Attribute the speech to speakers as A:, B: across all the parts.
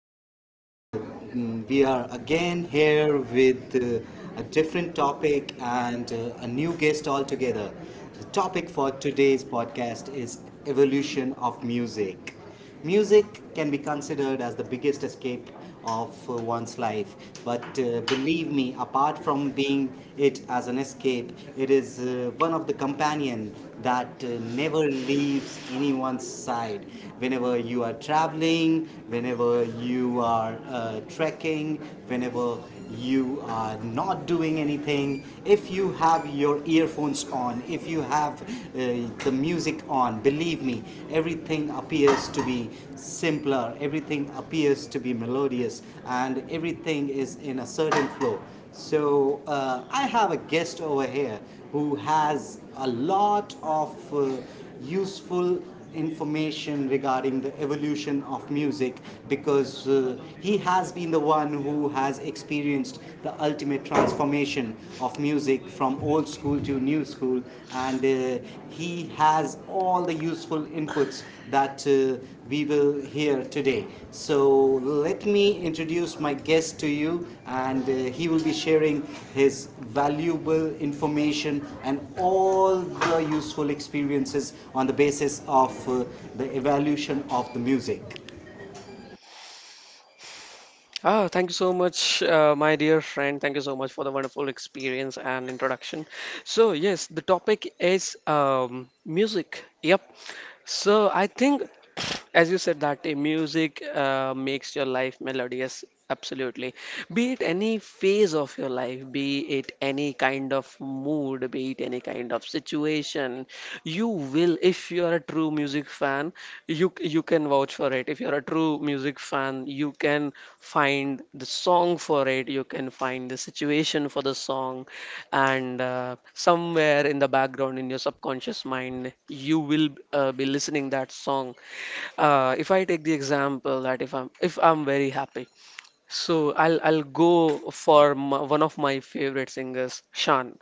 A: podcast, we are again here with a different topic and a new guest altogether. The topic for today's podcast is evolution of music. Music can be considered as the biggest escape of one's life. But Believe me, apart from being it as an escape, it is one of the companion that never leaves anyone's side. Whenever you are traveling, whenever you are trekking, whenever you are not doing anything, if you have your earphones on, if you have the music on, believe me, everything appears to be simpler, everything appears to be melodious, and everything is in a certain flow. So, I have a guest over here who has a lot of useful information regarding the evolution of music because he has been the one who has experienced the ultimate transformation of music from old school to new school, and he has all the useful inputs that we will hear today. So let me introduce my guest to you, and he will be sharing his valuable information and all the useful experiences on the basis of the evolution of the music.
B: Thank you so much, my dear friend. Thank you so much for the wonderful experience and introduction. So, yes, the topic is music. Yep. So, I think as you said that a music makes your life melodious absolutely, be it any phase of your life, be it any kind of mood, be it any kind of situation. You will, if you are a true music fan, you can vouch for it. If you are a true music fan you can find the song for it, you can find the situation for the song. And somewhere in the background in your subconscious mind you will be listening that song. If I take the example that if I'm very happy, so I'll go for my, one of my favorite singers, Shan.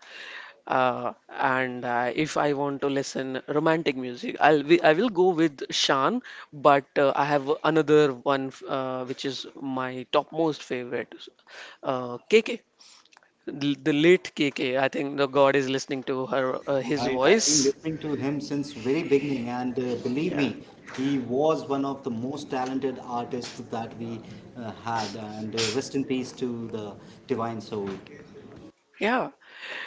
B: And If I want to listen romantic music, I will go with Shan. But I have another one which is my topmost favorite, KK. The late KK, I think the God is listening to her his
A: Right, I've been
B: voice.
A: listening to him since very beginning, and believe
B: Yeah,
A: me, he was one of the most talented artists that we had. And Rest in peace to the divine soul.
B: yeah.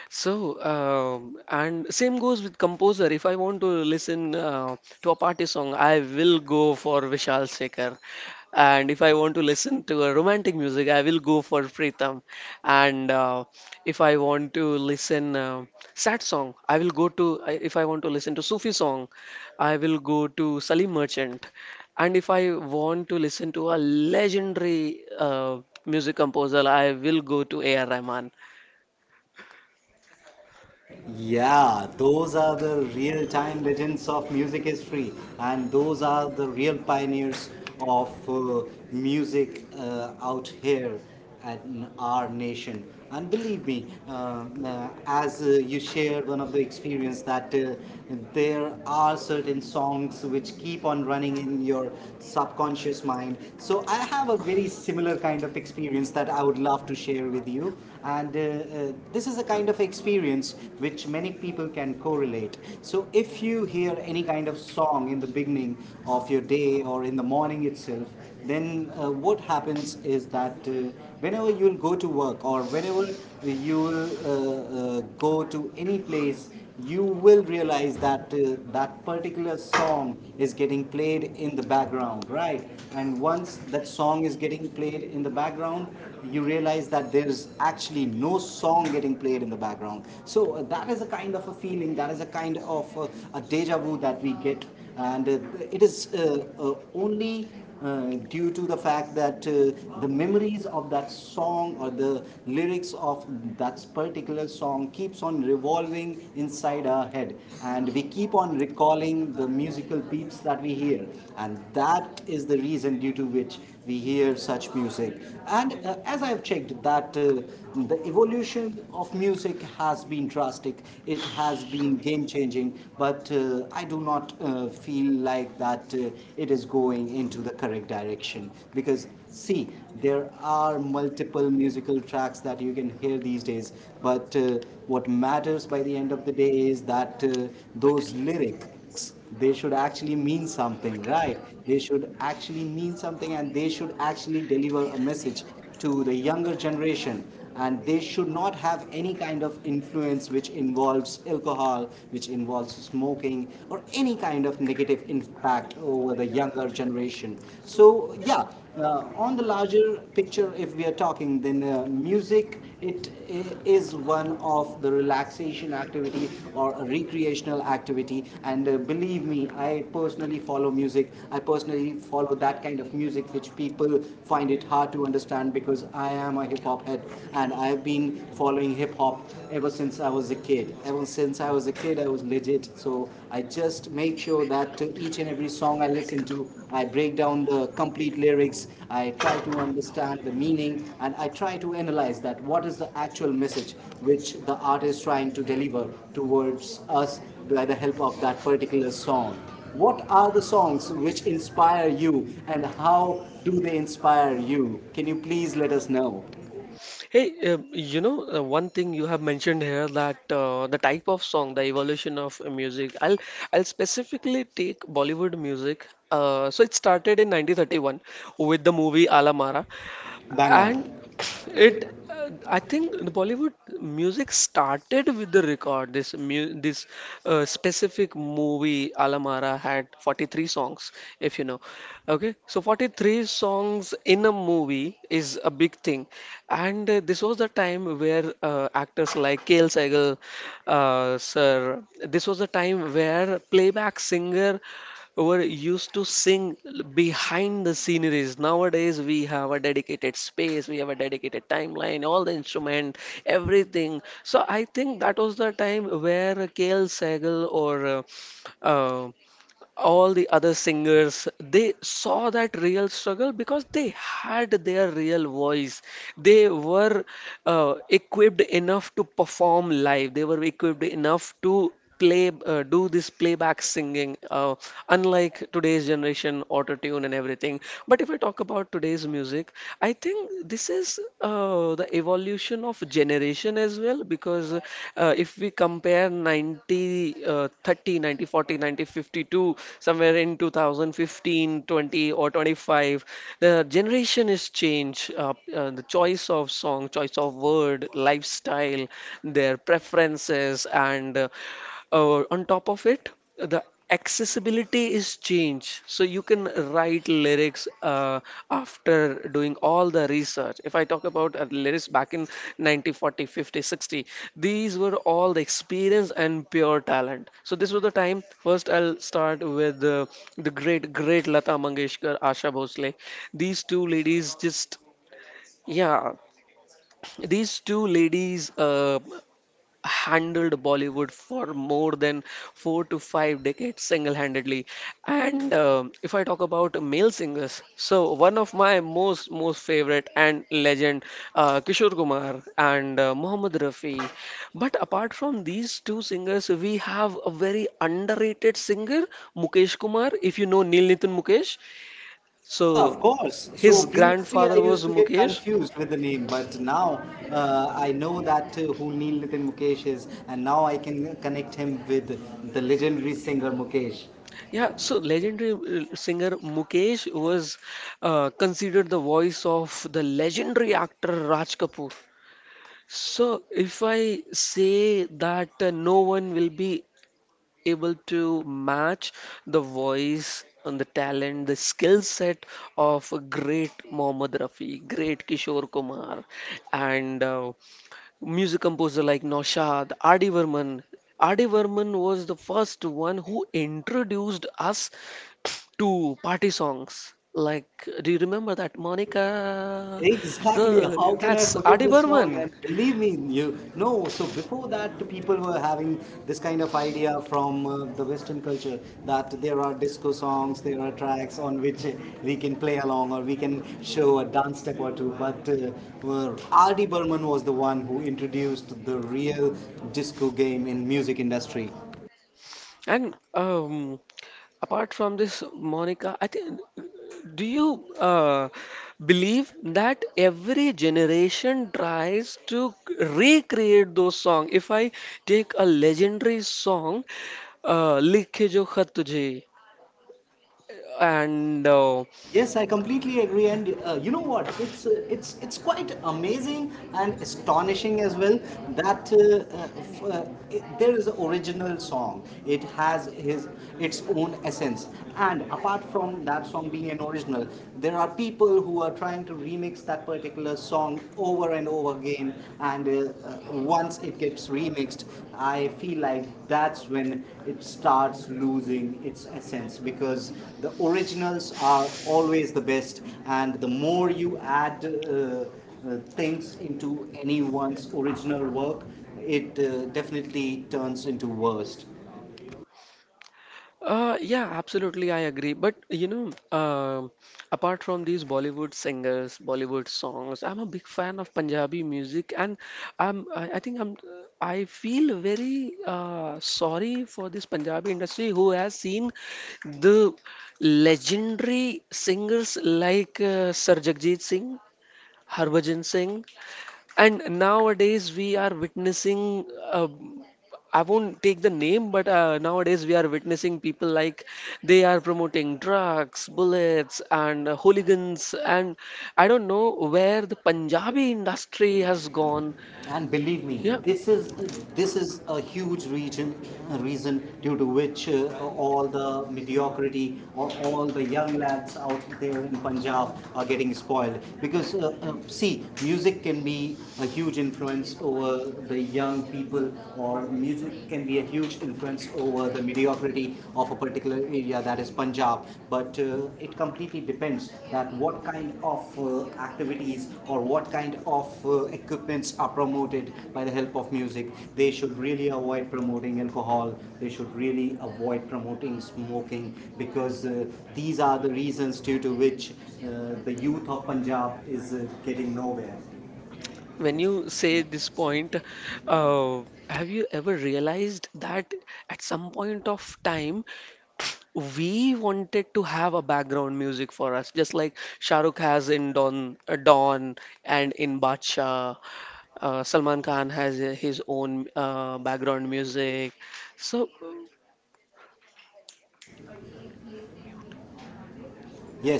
B: So, and same goes with composer. If I want to listen to a party song, I will go for Vishal Shekhar. And if I want to listen to a romantic music, I will go for Pritam. And if I want to listen sad song, I will go to. If I want to listen to Sufi song, I will go to Salim Merchant. And if I want to listen to a legendary music composer, I will go to A.R. Rahman.
A: Yeah, those are the real time legends of music history, and those are the real pioneers of music out here in our nation. And believe me, as you shared one of the experience that there are certain songs which keep on running in your subconscious mind. So I have a very similar kind of experience that I would love to share with you, and this is a kind of experience which many people can correlate. So if you hear any kind of song in the beginning of your day or in the morning itself, then what happens is that whenever you'll go to work or whenever you will go to any place, you will realize that that particular song is getting played in the background, right? And once that song is getting played in the background, you realize that there is actually no song getting played in the background. So that is a kind of a feeling, that is a kind of a deja vu that we get, and it is only due to the fact that the memories of that song or the lyrics of that particular song keeps on revolving inside our head, and we keep on recalling the musical beats that we hear, and that is the reason due to which we hear such music. And As I have checked, that the evolution of music has been drastic. It has been game changing, but I do not feel like that it is going into the correct direction, because see, there are multiple musical tracks that you can hear these days, but what matters by the end of the day is that those lyrics they should actually mean something, right? They should actually mean something, and they should actually deliver a message to the younger generation, and they should not have any kind of influence which involves alcohol, which involves smoking, or any kind of negative impact over the younger generation. So yeah, on the larger picture, if we are talking, then music, it is one of the relaxation activity or a recreational activity. And believe me, I personally follow music. I personally follow that kind of music which people find it hard to understand, because I am a hip hop head, and I've been following hip hop ever since I was a kid. Ever since I was a kid, I was legit. So I just make sure that each and every song I listen to, I break down the complete lyrics. I try to understand the meaning, and I try to analyze that what is the actual message which the artist is trying to deliver towards us by the help of that particular song. What are the songs which inspire you, and how do they inspire you? Can you please let us know?
B: Hey, one thing you have mentioned here that the type of song, the evolution of music. I'll specifically take Bollywood music. So it started in 1931 with the movie Alamara,
A: Bang on.
B: and it I think the Bollywood music started with the record. This specific movie Alamara had 43 songs, if you know. Okay, so 43 songs in a movie is a big thing. And this was the time where actors like Kale Saigal sir, this was the time where playback singer were used to sing behind the sceneries. Nowadays, we have a dedicated space, we have a dedicated timeline, all the instrument, everything. So I think that was the time where Kale Sagal or uh, all the other singers, they saw that real struggle because they had their real voice. They were equipped enough to perform live, they were equipped enough to play do this playback singing, unlike today's generation, auto tune and everything. But if I talk about today's music, I think this is the evolution of generation as well, because if we compare 90 uh, 30 90 40, 90 50 to somewhere in 2015, 20 or 25, the generation is changed. The choice of song, choice of word, lifestyle, their preferences, and on top of it, the accessibility is change. So you can write lyrics after doing all the research. If I talk about lyrics back in 90 50 60, these were all the experience and pure talent. So this was the time, first I'll start with the great Lata Mangeshkar, Asha Bhosle. These two ladies just, yeah, these two ladies handled Bollywood for more than four to five decades single handedly. And um, if I talk about male singers, so one of my most favorite and legend, Kishore Kumar and Mohammed Rafi. But apart from these two singers, we have a very underrated singer, Mukesh Kumar. If you know Neil Nitin Mukesh, so
A: Yeah, of course. So
B: his
A: previously I
B: grandfather
A: used
B: was
A: to get
B: Mukesh.
A: confused with the name, but now I know that who Neil Nitin Mukesh is, and now I can connect him with the legendary singer Mukesh.
B: Yeah, so legendary singer Mukesh was considered the voice of the legendary actor Raj Kapoor. So, if I say that no one will be able to match the voice and the talent, the skill set of a great Mohammad Rafi, great Kishore Kumar, and music composer like Naushad, R.D. Varman. R.D. Varman was the first one who introduced us to party songs. Like, do you remember that Monica?
A: Exactly. How can I
B: That's
A: forget
B: Adi
A: this song?
B: Burman.
A: And believe me, you know. So before that, people were having this kind of idea from the Western culture, that there are disco songs, there are tracks on which we can play along or we can show a dance step or two. But well, R.D. Burman was the one who introduced the real disco game in music industry.
B: And apart from this, Monica, I think, do you believe that every generation tries to recreate those songs? If I take a legendary song, "Likhe Jo Khat Tujhe," and
A: Yes, I completely agree, and you know what? It's quite amazing and astonishing as well that there is an original song. It has his its own essence, and apart from that song being an original, there are people who are trying to remix that particular song over and over again again, and uh, once it gets remixed, I feel like that's when it starts losing its essence, because the originals are always the best, and the more you add things into anyone's original work, it definitely turns into worst.
B: Yeah, absolutely, I agree. But you know, um, apart from these Bollywood singers, Bollywood songs, I'm a big fan of Punjabi music, and I think I'm I feel very sorry for this Punjabi industry who has seen the legendary singers like Sir Jagjit Singh, Harbhajan Singh, and nowadays we are witnessing. uh, I won't take the name, but nowadays we are witnessing people like they are promoting drugs, bullets, and hooligans, and I don't know where the Punjabi industry has gone.
A: And believe me,
B: Yeah,
A: this is a huge region a reason due to which all the mediocrity or all the young lads out there in Punjab are getting spoiled. Because see, music can be a huge influence over the young people, or music can be a huge influence over the mediocrity of a particular area that is Punjab, but it completely depends that what kind of activities or what kind of equipments are promoted by the help of music. They should really avoid promoting alcohol. They should really avoid promoting smoking, because these are the reasons due to which the youth of Punjab is getting nowhere.
B: when you say this point, uh, have you ever realized that at some point of time we wanted to have a background music for us, just like Shahrukh has in Don, Don and in Badshah, Salman Khan has his own background music. So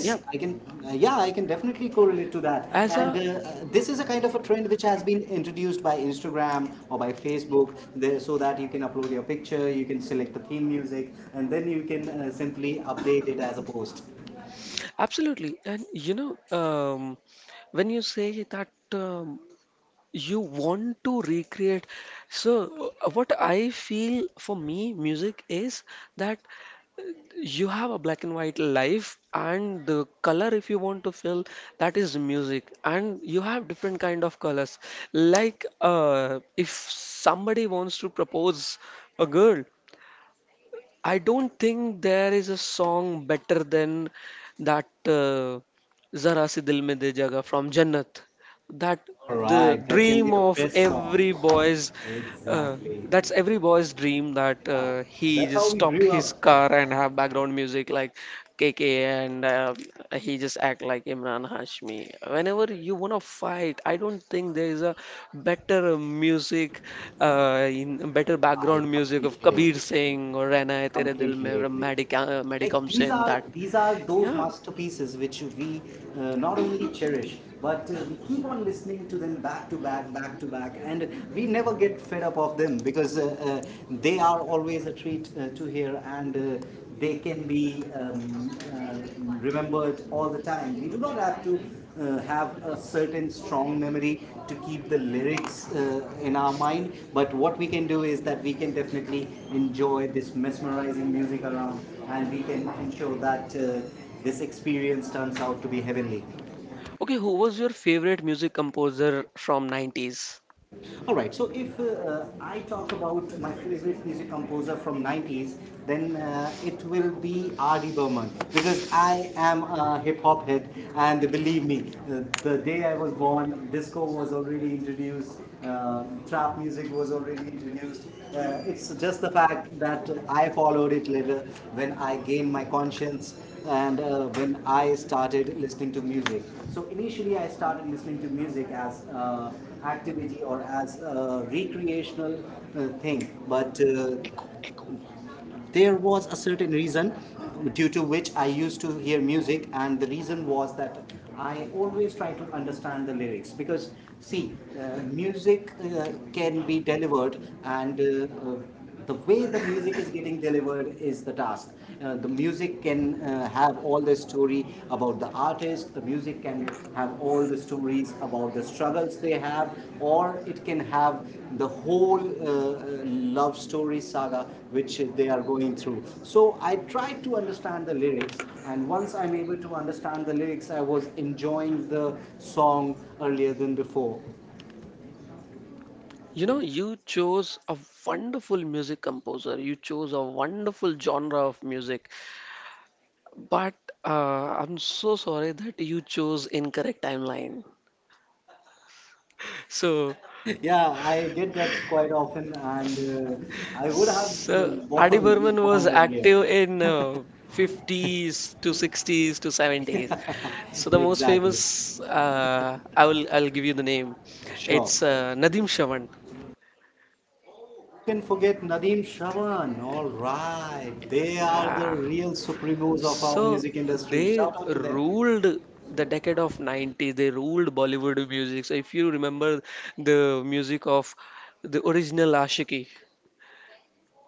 B: yeah,
A: I can. Yeah, I can definitely correlate to that.
B: as
A: And
B: a,
A: this is a kind of a trend which has been introduced by Instagram or by Facebook, there, so that you can upload your picture, you can select the theme music, and then you can simply update it as a post.
B: absolutely, and you know when you say that you want to recreate, so what I feel for me, music is that you have a black and white life, and the color if you want to fill, that is music. And you have different kind of colors, like if somebody wants to propose a girl, I don't think there is a song better than that Zara Si Dil Mein De Jaga from Jannat. That
A: All
B: the
A: right, that can
B: dream
A: be the
B: of
A: best
B: every
A: song.
B: boy's, uh,
A: Exactly.
B: that's every boy's dream that
A: Yeah.
B: he
A: That's
B: just
A: how we
B: stopped
A: grew up.
B: his car and have background music like KK and he just act like Imran Hashmi. Whenever you want to fight, I don't think there is a better music, in better
A: I
B: background music of
A: completely
B: Kabir
A: agree.
B: Singh or Rana Hai Tere Dil
A: Completely
B: Mein or
A: agree.
B: Madhi,
A: Like,
B: Madhi
A: these
B: Singh.
A: are
B: That,
A: these are those
B: yeah.
A: masterpieces which we not only cherish, but we keep on listening to them back to back, back to back, and we never get fed up of them, because they are always a treat to hear, and they can be remembered all the time. We do not have to have a certain strong memory to keep the lyrics in our mind. But what we can do is that we can definitely enjoy this mesmerizing music around, and we can ensure that this experience turns out to be heavenly.
B: Okay, who was your favorite music composer from 90s?
A: All right. So if I talk about my favorite music composer from 90s, then it will be R.D. Burman, because I am a hip hop head, and believe me, the day I was born, disco was already introduced, trap music was already introduced. It's just the fact that I followed it later when I gained my conscience, and when I started listening to music. So initially, I started listening to music as activity or as a recreational thing, but
B: Echo, echo.
A: there was a certain reason due to which I used to hear music, and the reason was that I always try to understand the lyrics, because see, music can be delivered, and uh, the way the music is getting delivered is the task. The music can have all the story about the artist. The music can have all the stories about the struggles they have, or it can have the whole love story saga which they are going through. So I tried to understand the lyrics, and once I'm able to understand the lyrics, I was enjoying the song earlier than before.
B: You know, you chose a wonderful music composer. You chose a wonderful genre of music. But I'm so sorry that you chose incorrect timeline. So,
A: Yeah, I get that quite often, and I would have uh,
B: so Adi
A: born,
B: Burman
A: born
B: was
A: earlier.
B: active in 50s to 60s to 70s. So the most
A: Exactly.
B: famous, I'll give you the name.
A: Sure.
B: It's Nadim Shavan.
A: Oh, who can forget Nadeem Shravan? All right. They are the real supremos of our
B: So
A: music industry.
B: they
A: Shout out to them.
B: ruled the decade of 90s. They ruled Bollywood music. So if you remember the music of the original Ashiki,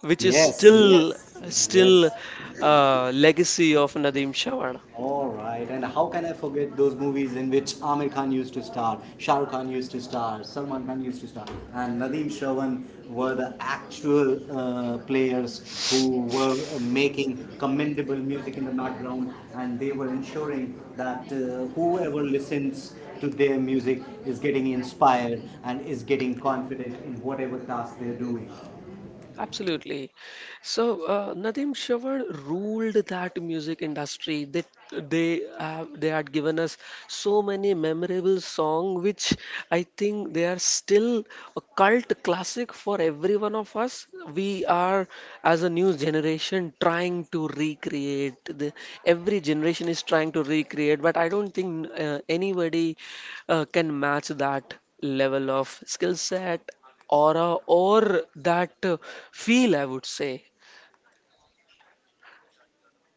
B: which is
A: Yes,
B: still
A: yes, yes.
B: still uh, legacy of Nadeem Shawar.
A: All right, and how can I forget those movies in which Amir Khan used to star, Shah Rukh Khan used to star, Salman Khan used to star, and Nadeem Shravan were the actual players who were making commendable music in the background, and they were ensuring that whoever listens to their music is getting inspired and is getting confident in whatever task they're doing.
B: Absolutely. So Nadeem Shawar ruled that music industry. They have, they had given us so many memorable song, which I think they are still a cult classic for every one of us. We are as a new generation trying to recreate. The, every generation is trying to recreate, but I don't think anybody can match that level of skill set aura or that feel, I would say.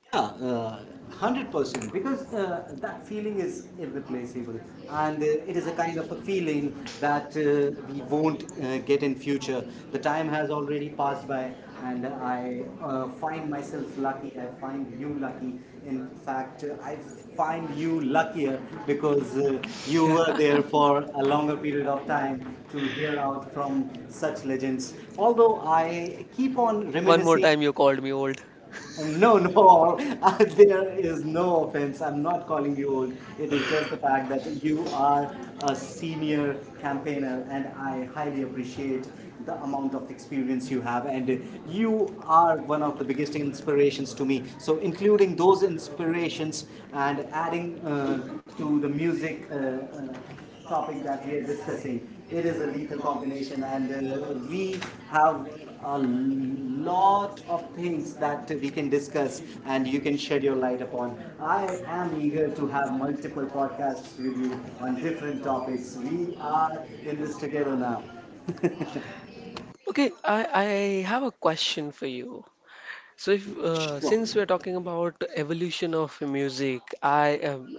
A: Yeah, 100% because that feeling is irreplaceable, and it is a kind of a feeling that we won't get in future. The time has already passed by, and I find myself lucky. I find you lucky. In fact, I find you luckier because you were there for a longer period of time to hear out from such legends. Although I keep on
B: One more
A: reminiscing,
B: time, you called me old.
A: no, no, there is no offense. I'm not calling you old. It is just the fact that you are a senior campaigner, and I highly appreciate the amount of experience you have. And you are one of the biggest inspirations to me. So, including those inspirations and adding to the music. Topic that we are discussing. It is a lethal combination, and we have a lot of things that we can discuss, and you can shed your light upon. I am eager to have multiple podcasts with you on different topics. We are in this together now.
B: Okay, I have a question for you. So, if
A: Sure.
B: since we're talking about evolution of music, I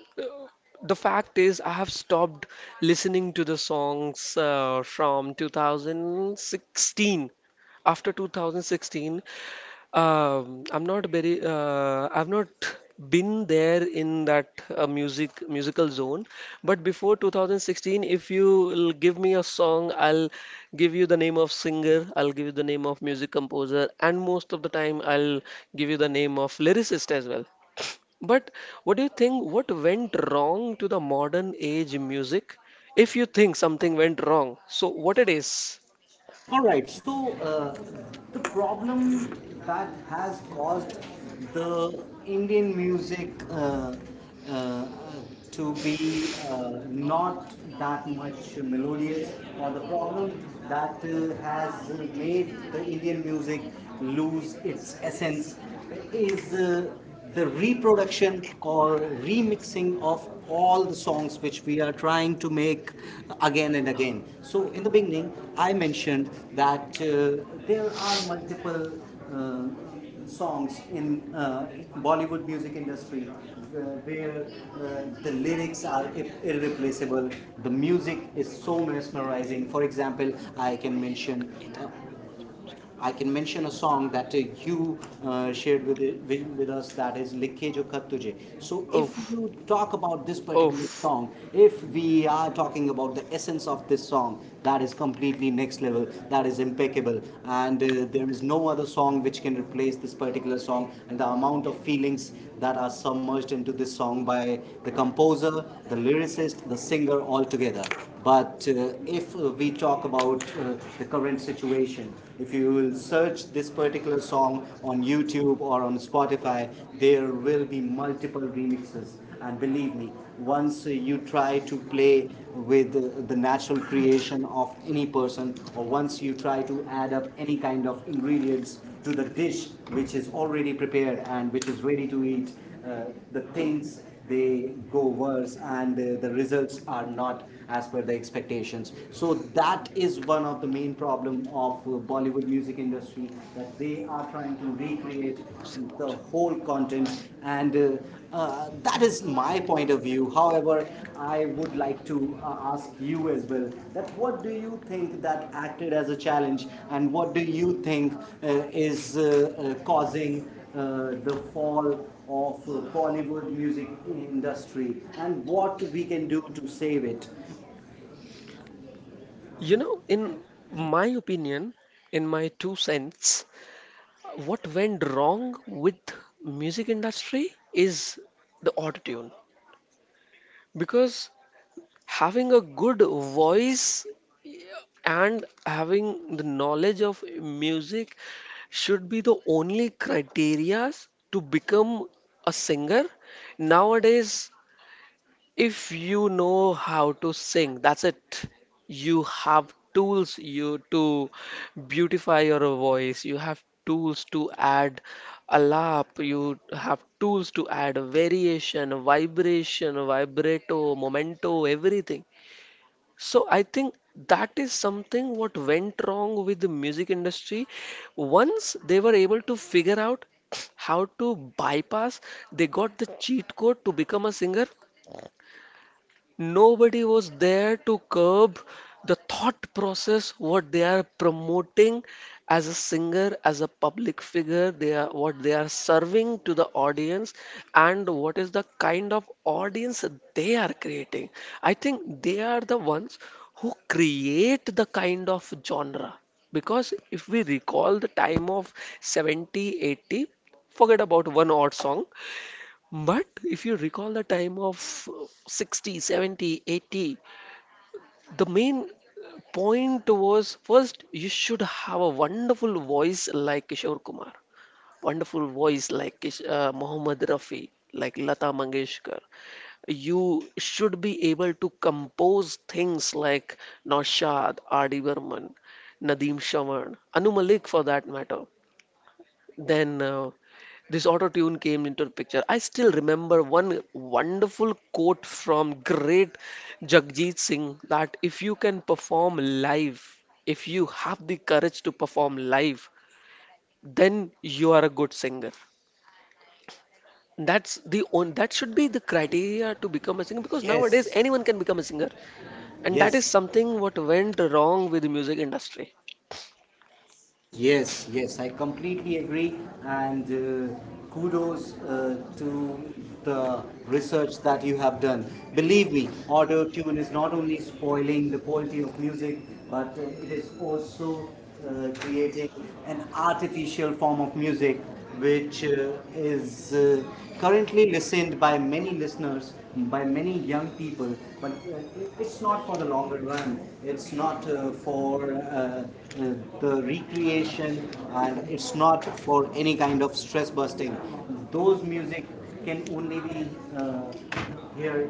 B: the fact is I have stopped listening to the songs from 2016. After 2016, I'm not very. I've not been there in that music musical zone. But before 2016, if you will give me a song, I'll give you the name of singer. I'll give you the name of music composer, and most of the time, I'll give you the name of lyricist as well. But what do you think? What went wrong to the modern age music? If you think something went wrong, so what it is?
A: All right. So the problem that has caused the Indian music uh, to be not that much melodious, or the problem that has made the Indian music lose its essence, is the reproduction or remixing of all the songs which we are trying to make again and again. So, in the beginning, I mentioned that there are multiple uh, songs in Bollywood music industry where the lyrics are irreplaceable, the music is so mesmerizing. For example, I can mention uh, I can mention a song that you shared with, with us, that is Likhe Jo Khat Tujhe. So if
B: Oh,
A: you talk about this particular
B: oh.
A: song, if we are talking about the essence of this song, that is completely next level, that is impeccable, and there is no other song which can replace this particular song and the amount of feelings that are submerged into this song by the composer, the lyricist, the singer all together. But if we talk about the current situation. If you will search this particular song on YouTube or on Spotify, there will be multiple remixes. And believe me, once you try to play with the natural creation of any person, or once you try to add up any kind of ingredients to the dish which is already prepared and which is ready to eat, uh, the things they go worse, and the results are not as per the expectations. So that is one of the main problem of Bollywood music industry that they are trying to recreate the whole content, and that is my point of view. However, I would like to ask you as well that what do you think that acted as a challenge, and what do you think uh, is causing the fall of Bollywood music industry and what we can do to save it.
B: You know, in my opinion, in my two cents, what went wrong with music industry is the autotune. Because having a good voice and having the knowledge of music should be the only criterias to become a singer. Nowadays, If you know how to sing, that's it. You have tools you to beautify your voice. You have tools to add a lap. You have tools to add a variation, a vibration, a vibrato, momento, everything. So I think that is something what went wrong with the music industry. Once they were able to figure out how to bypass, they got the cheat code to become a singer nobody was there to curb the thought process what they are promoting as a singer as a public figure they are what they are serving to the audience and what is the kind of audience they are creating I think they are the ones who create the kind of genre because if we recall the time of 70 80 forget about one odd song but if you recall the time of 60, 70, 80, the main point was first you should have a wonderful voice like Kishore Kumar, wonderful voice like Kish- Mohammad Rafi, like Lata Mangeshkar. You should be able to compose things like Naushad, R.D. Burman, Nadeem Shawan, Anu Malik for that matter then this auto tune came into the picture I still remember one wonderful quote from great jagjit singh that if you can perform live if you have the courage to perform live then you are a good singer that's the on that should be the criteria to become a singer because nowadays
A: Yes,
B: anyone can become a singer and that is
A: yes,
B: something what went wrong with the music industry
A: yes, yes. I completely agree, and kudos to the research that you have done. Believe me, auto tune is not only spoiling the quality of music, but it is also creating an artificial form of music which is currently listened by many listeners, by many young people, but it's not for the longer run. It's not for the recreation, and it's not for any kind of stress busting. Those music can only be uh, here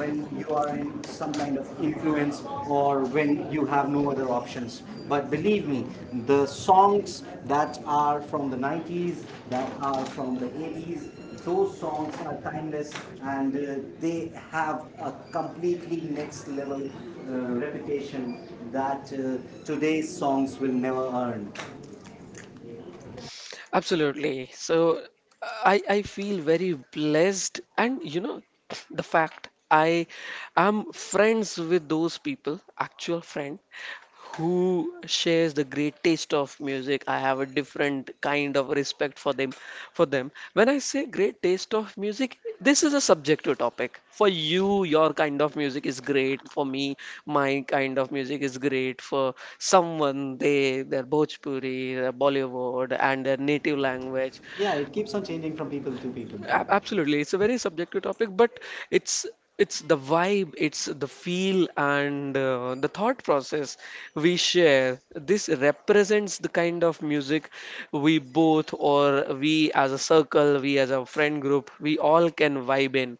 A: when you are in some kind of influence or when you have no other options. But believe me, the songs that are from the 90s, that are from the 80s, those songs are timeless, and they have a completely next level reputation that today's songs will never earn.
B: Absolutely. So I feel very blessed, and you know, the fact I am friends with those people, actual friend who shares the great taste of music. I have a different kind of respect for them, when I say great taste of music. This is a subjective topic. For you your kind of music is great, for me my kind of music is great, for someone they their Bhojpuri, their Bollywood and their native language.
A: Yeah, it keeps on changing from people to people.
B: Absolutely, it's a very subjective topic, but it's it's the vibe, it's the feel, and the thought process we share. This represents the kind of music we both, or we as a circle, we as a friend group, we all can vibe in.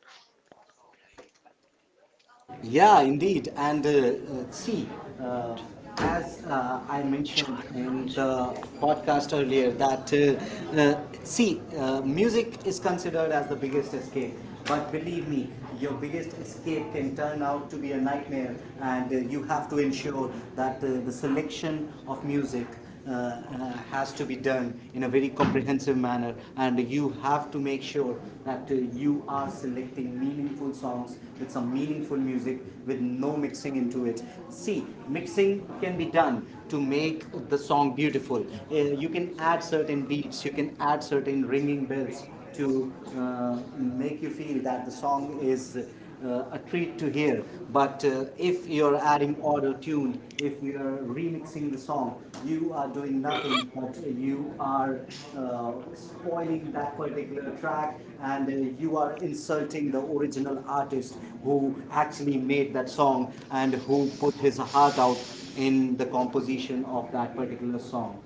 A: Yeah, indeed. And see, uh, as I mentioned in the podcast earlier, that see, music is considered as the biggest escape. But believe me, your biggest escape can turn out to be a nightmare, and you have to ensure that the selection of music has to be done in a very comprehensive manner, and you have to make sure that you are selecting meaningful songs with some meaningful music with no mixing into it. See, mixing can be done to make the song beautiful. You can add certain beats, you can add certain ringing bells to uh, make you feel that the song is a treat to hear. But if you're adding auto tune, if you are remixing the song, you are doing nothing but you are spoiling that particular track, and you are insulting the original artist who actually made that song and who put his heart out in the composition of that particular song.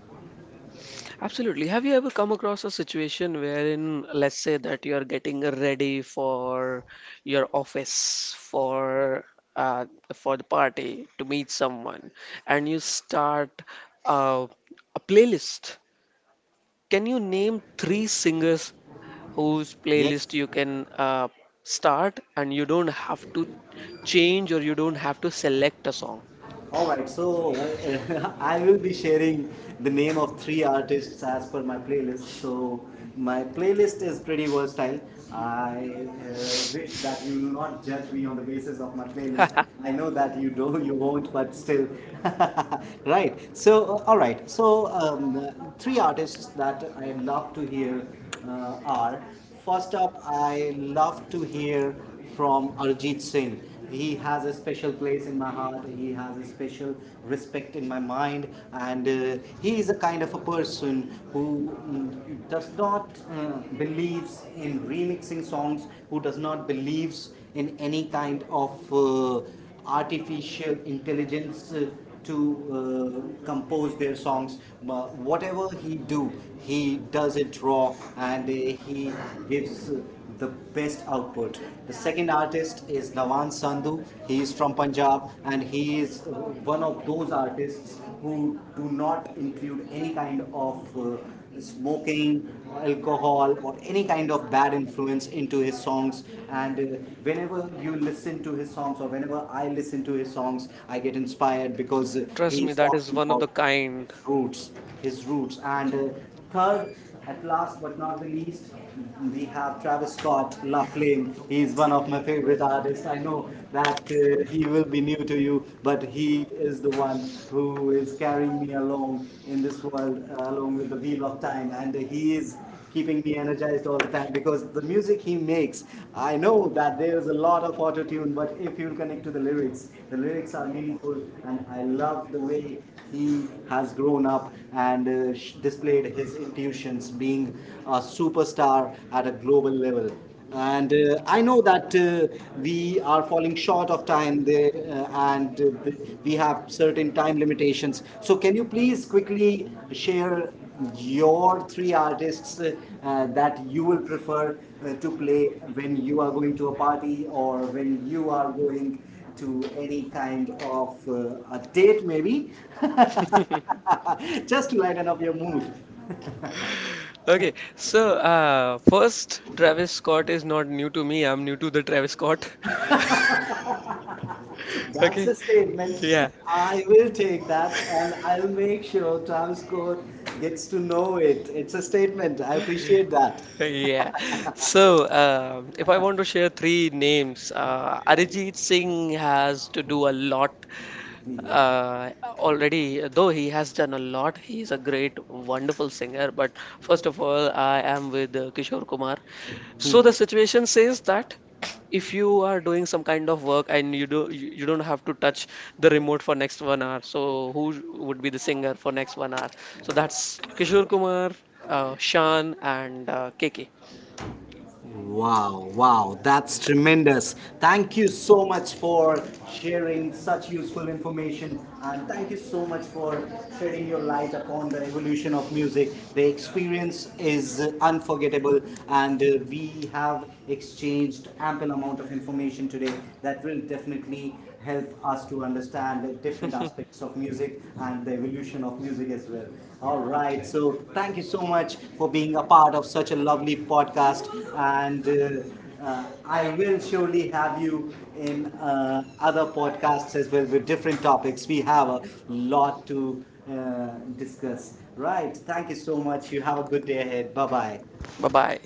B: Absolutely. Have you ever come across a situation wherein, let's say, that you are getting ready for your office, uh, for the party, to meet someone, and you start uh, a playlist? Can you name three singers whose playlist
A: Yes.
B: you can start, and you don't have to change or you don't have to select a song?
A: All right, so I will be sharing the name of three artists as per my playlist. So my playlist is pretty versatile. I wish that you will not judge me on the basis of my playlist. I know that you won't, but still. Right. So, all right. So, three artists that I love to hear are. First up, I love to hear from Arjit Singh. He has a special place in my heart. He has a special respect in my mind, and he is a kind of a person who does not believes in remixing songs, who does not believes in any kind of uh, artificial intelligence to compose their songs. Whatever he do, he does it raw, and he gives the best output. The second artist is Nawan Sandhu. He is from Punjab and he is one of those artists who do not include any kind of smoking, alcohol or any kind of bad influence into his songs. And whenever you listen to his songs, or whenever I listen to his songs, I get inspired because
B: Trust me,
A: he's
B: that is
A: talking
B: one of
A: about
B: the kind.
A: his roots, his roots. And third, at last but not the least, we have Travis Scott, La Flame. He is one of my favorite artists. I know that he will be new to you, but he is the one who is carrying me along in this world, along with the wheel of time. And he is keeping me energized all the time because the music he makes, I know that there is a lot of auto tune, but if you'll connect to the lyrics are meaningful, and I love the way he has grown up and displayed his intuitions being a superstar at a global level. And I know that we are falling short of time there, and we have certain time limitations. So, can you please quickly share your three artists that you will prefer to play when you are going to a party or when you are going to any kind of a date, maybe, just to lighten up your mood?
B: Okay, so first, Travis Scott is not new to me. I'm new to the Travis Scott.
A: That's
B: Okay,
A: a statement.
B: yeah,
A: I will take that and I'll make sure Transcore gets to know it. It's a statement. I appreciate that.
B: yeah. So if I want to share three names, Arijit Singh has to do a lot.
A: Yeah.
B: Uh, Already, though he has done a lot, he is a great, wonderful singer. But first of all, I am with Kishore Kumar. So the situation says that if you are doing some kind of work and you don't have to touch the remote for next 1 hour, so who would be the singer for next 1 hour? So that's Kishore Kumar, Shan, and KK.
A: Wow, wow, that's tremendous. Thank you so much for sharing such useful information and thank you so much for shedding your light upon the evolution of music. The experience is unforgettable, and we have exchanged ample amount of information today that will definitely help us to understand different aspects of music and the evolution of music as well. All right, so thank you so much for being a part of such a lovely podcast, and I will surely have you in other podcasts as well with different topics. We have a lot to uh, discuss. Right, thank you so much. You have a good day ahead. Bye bye.
B: Bye bye.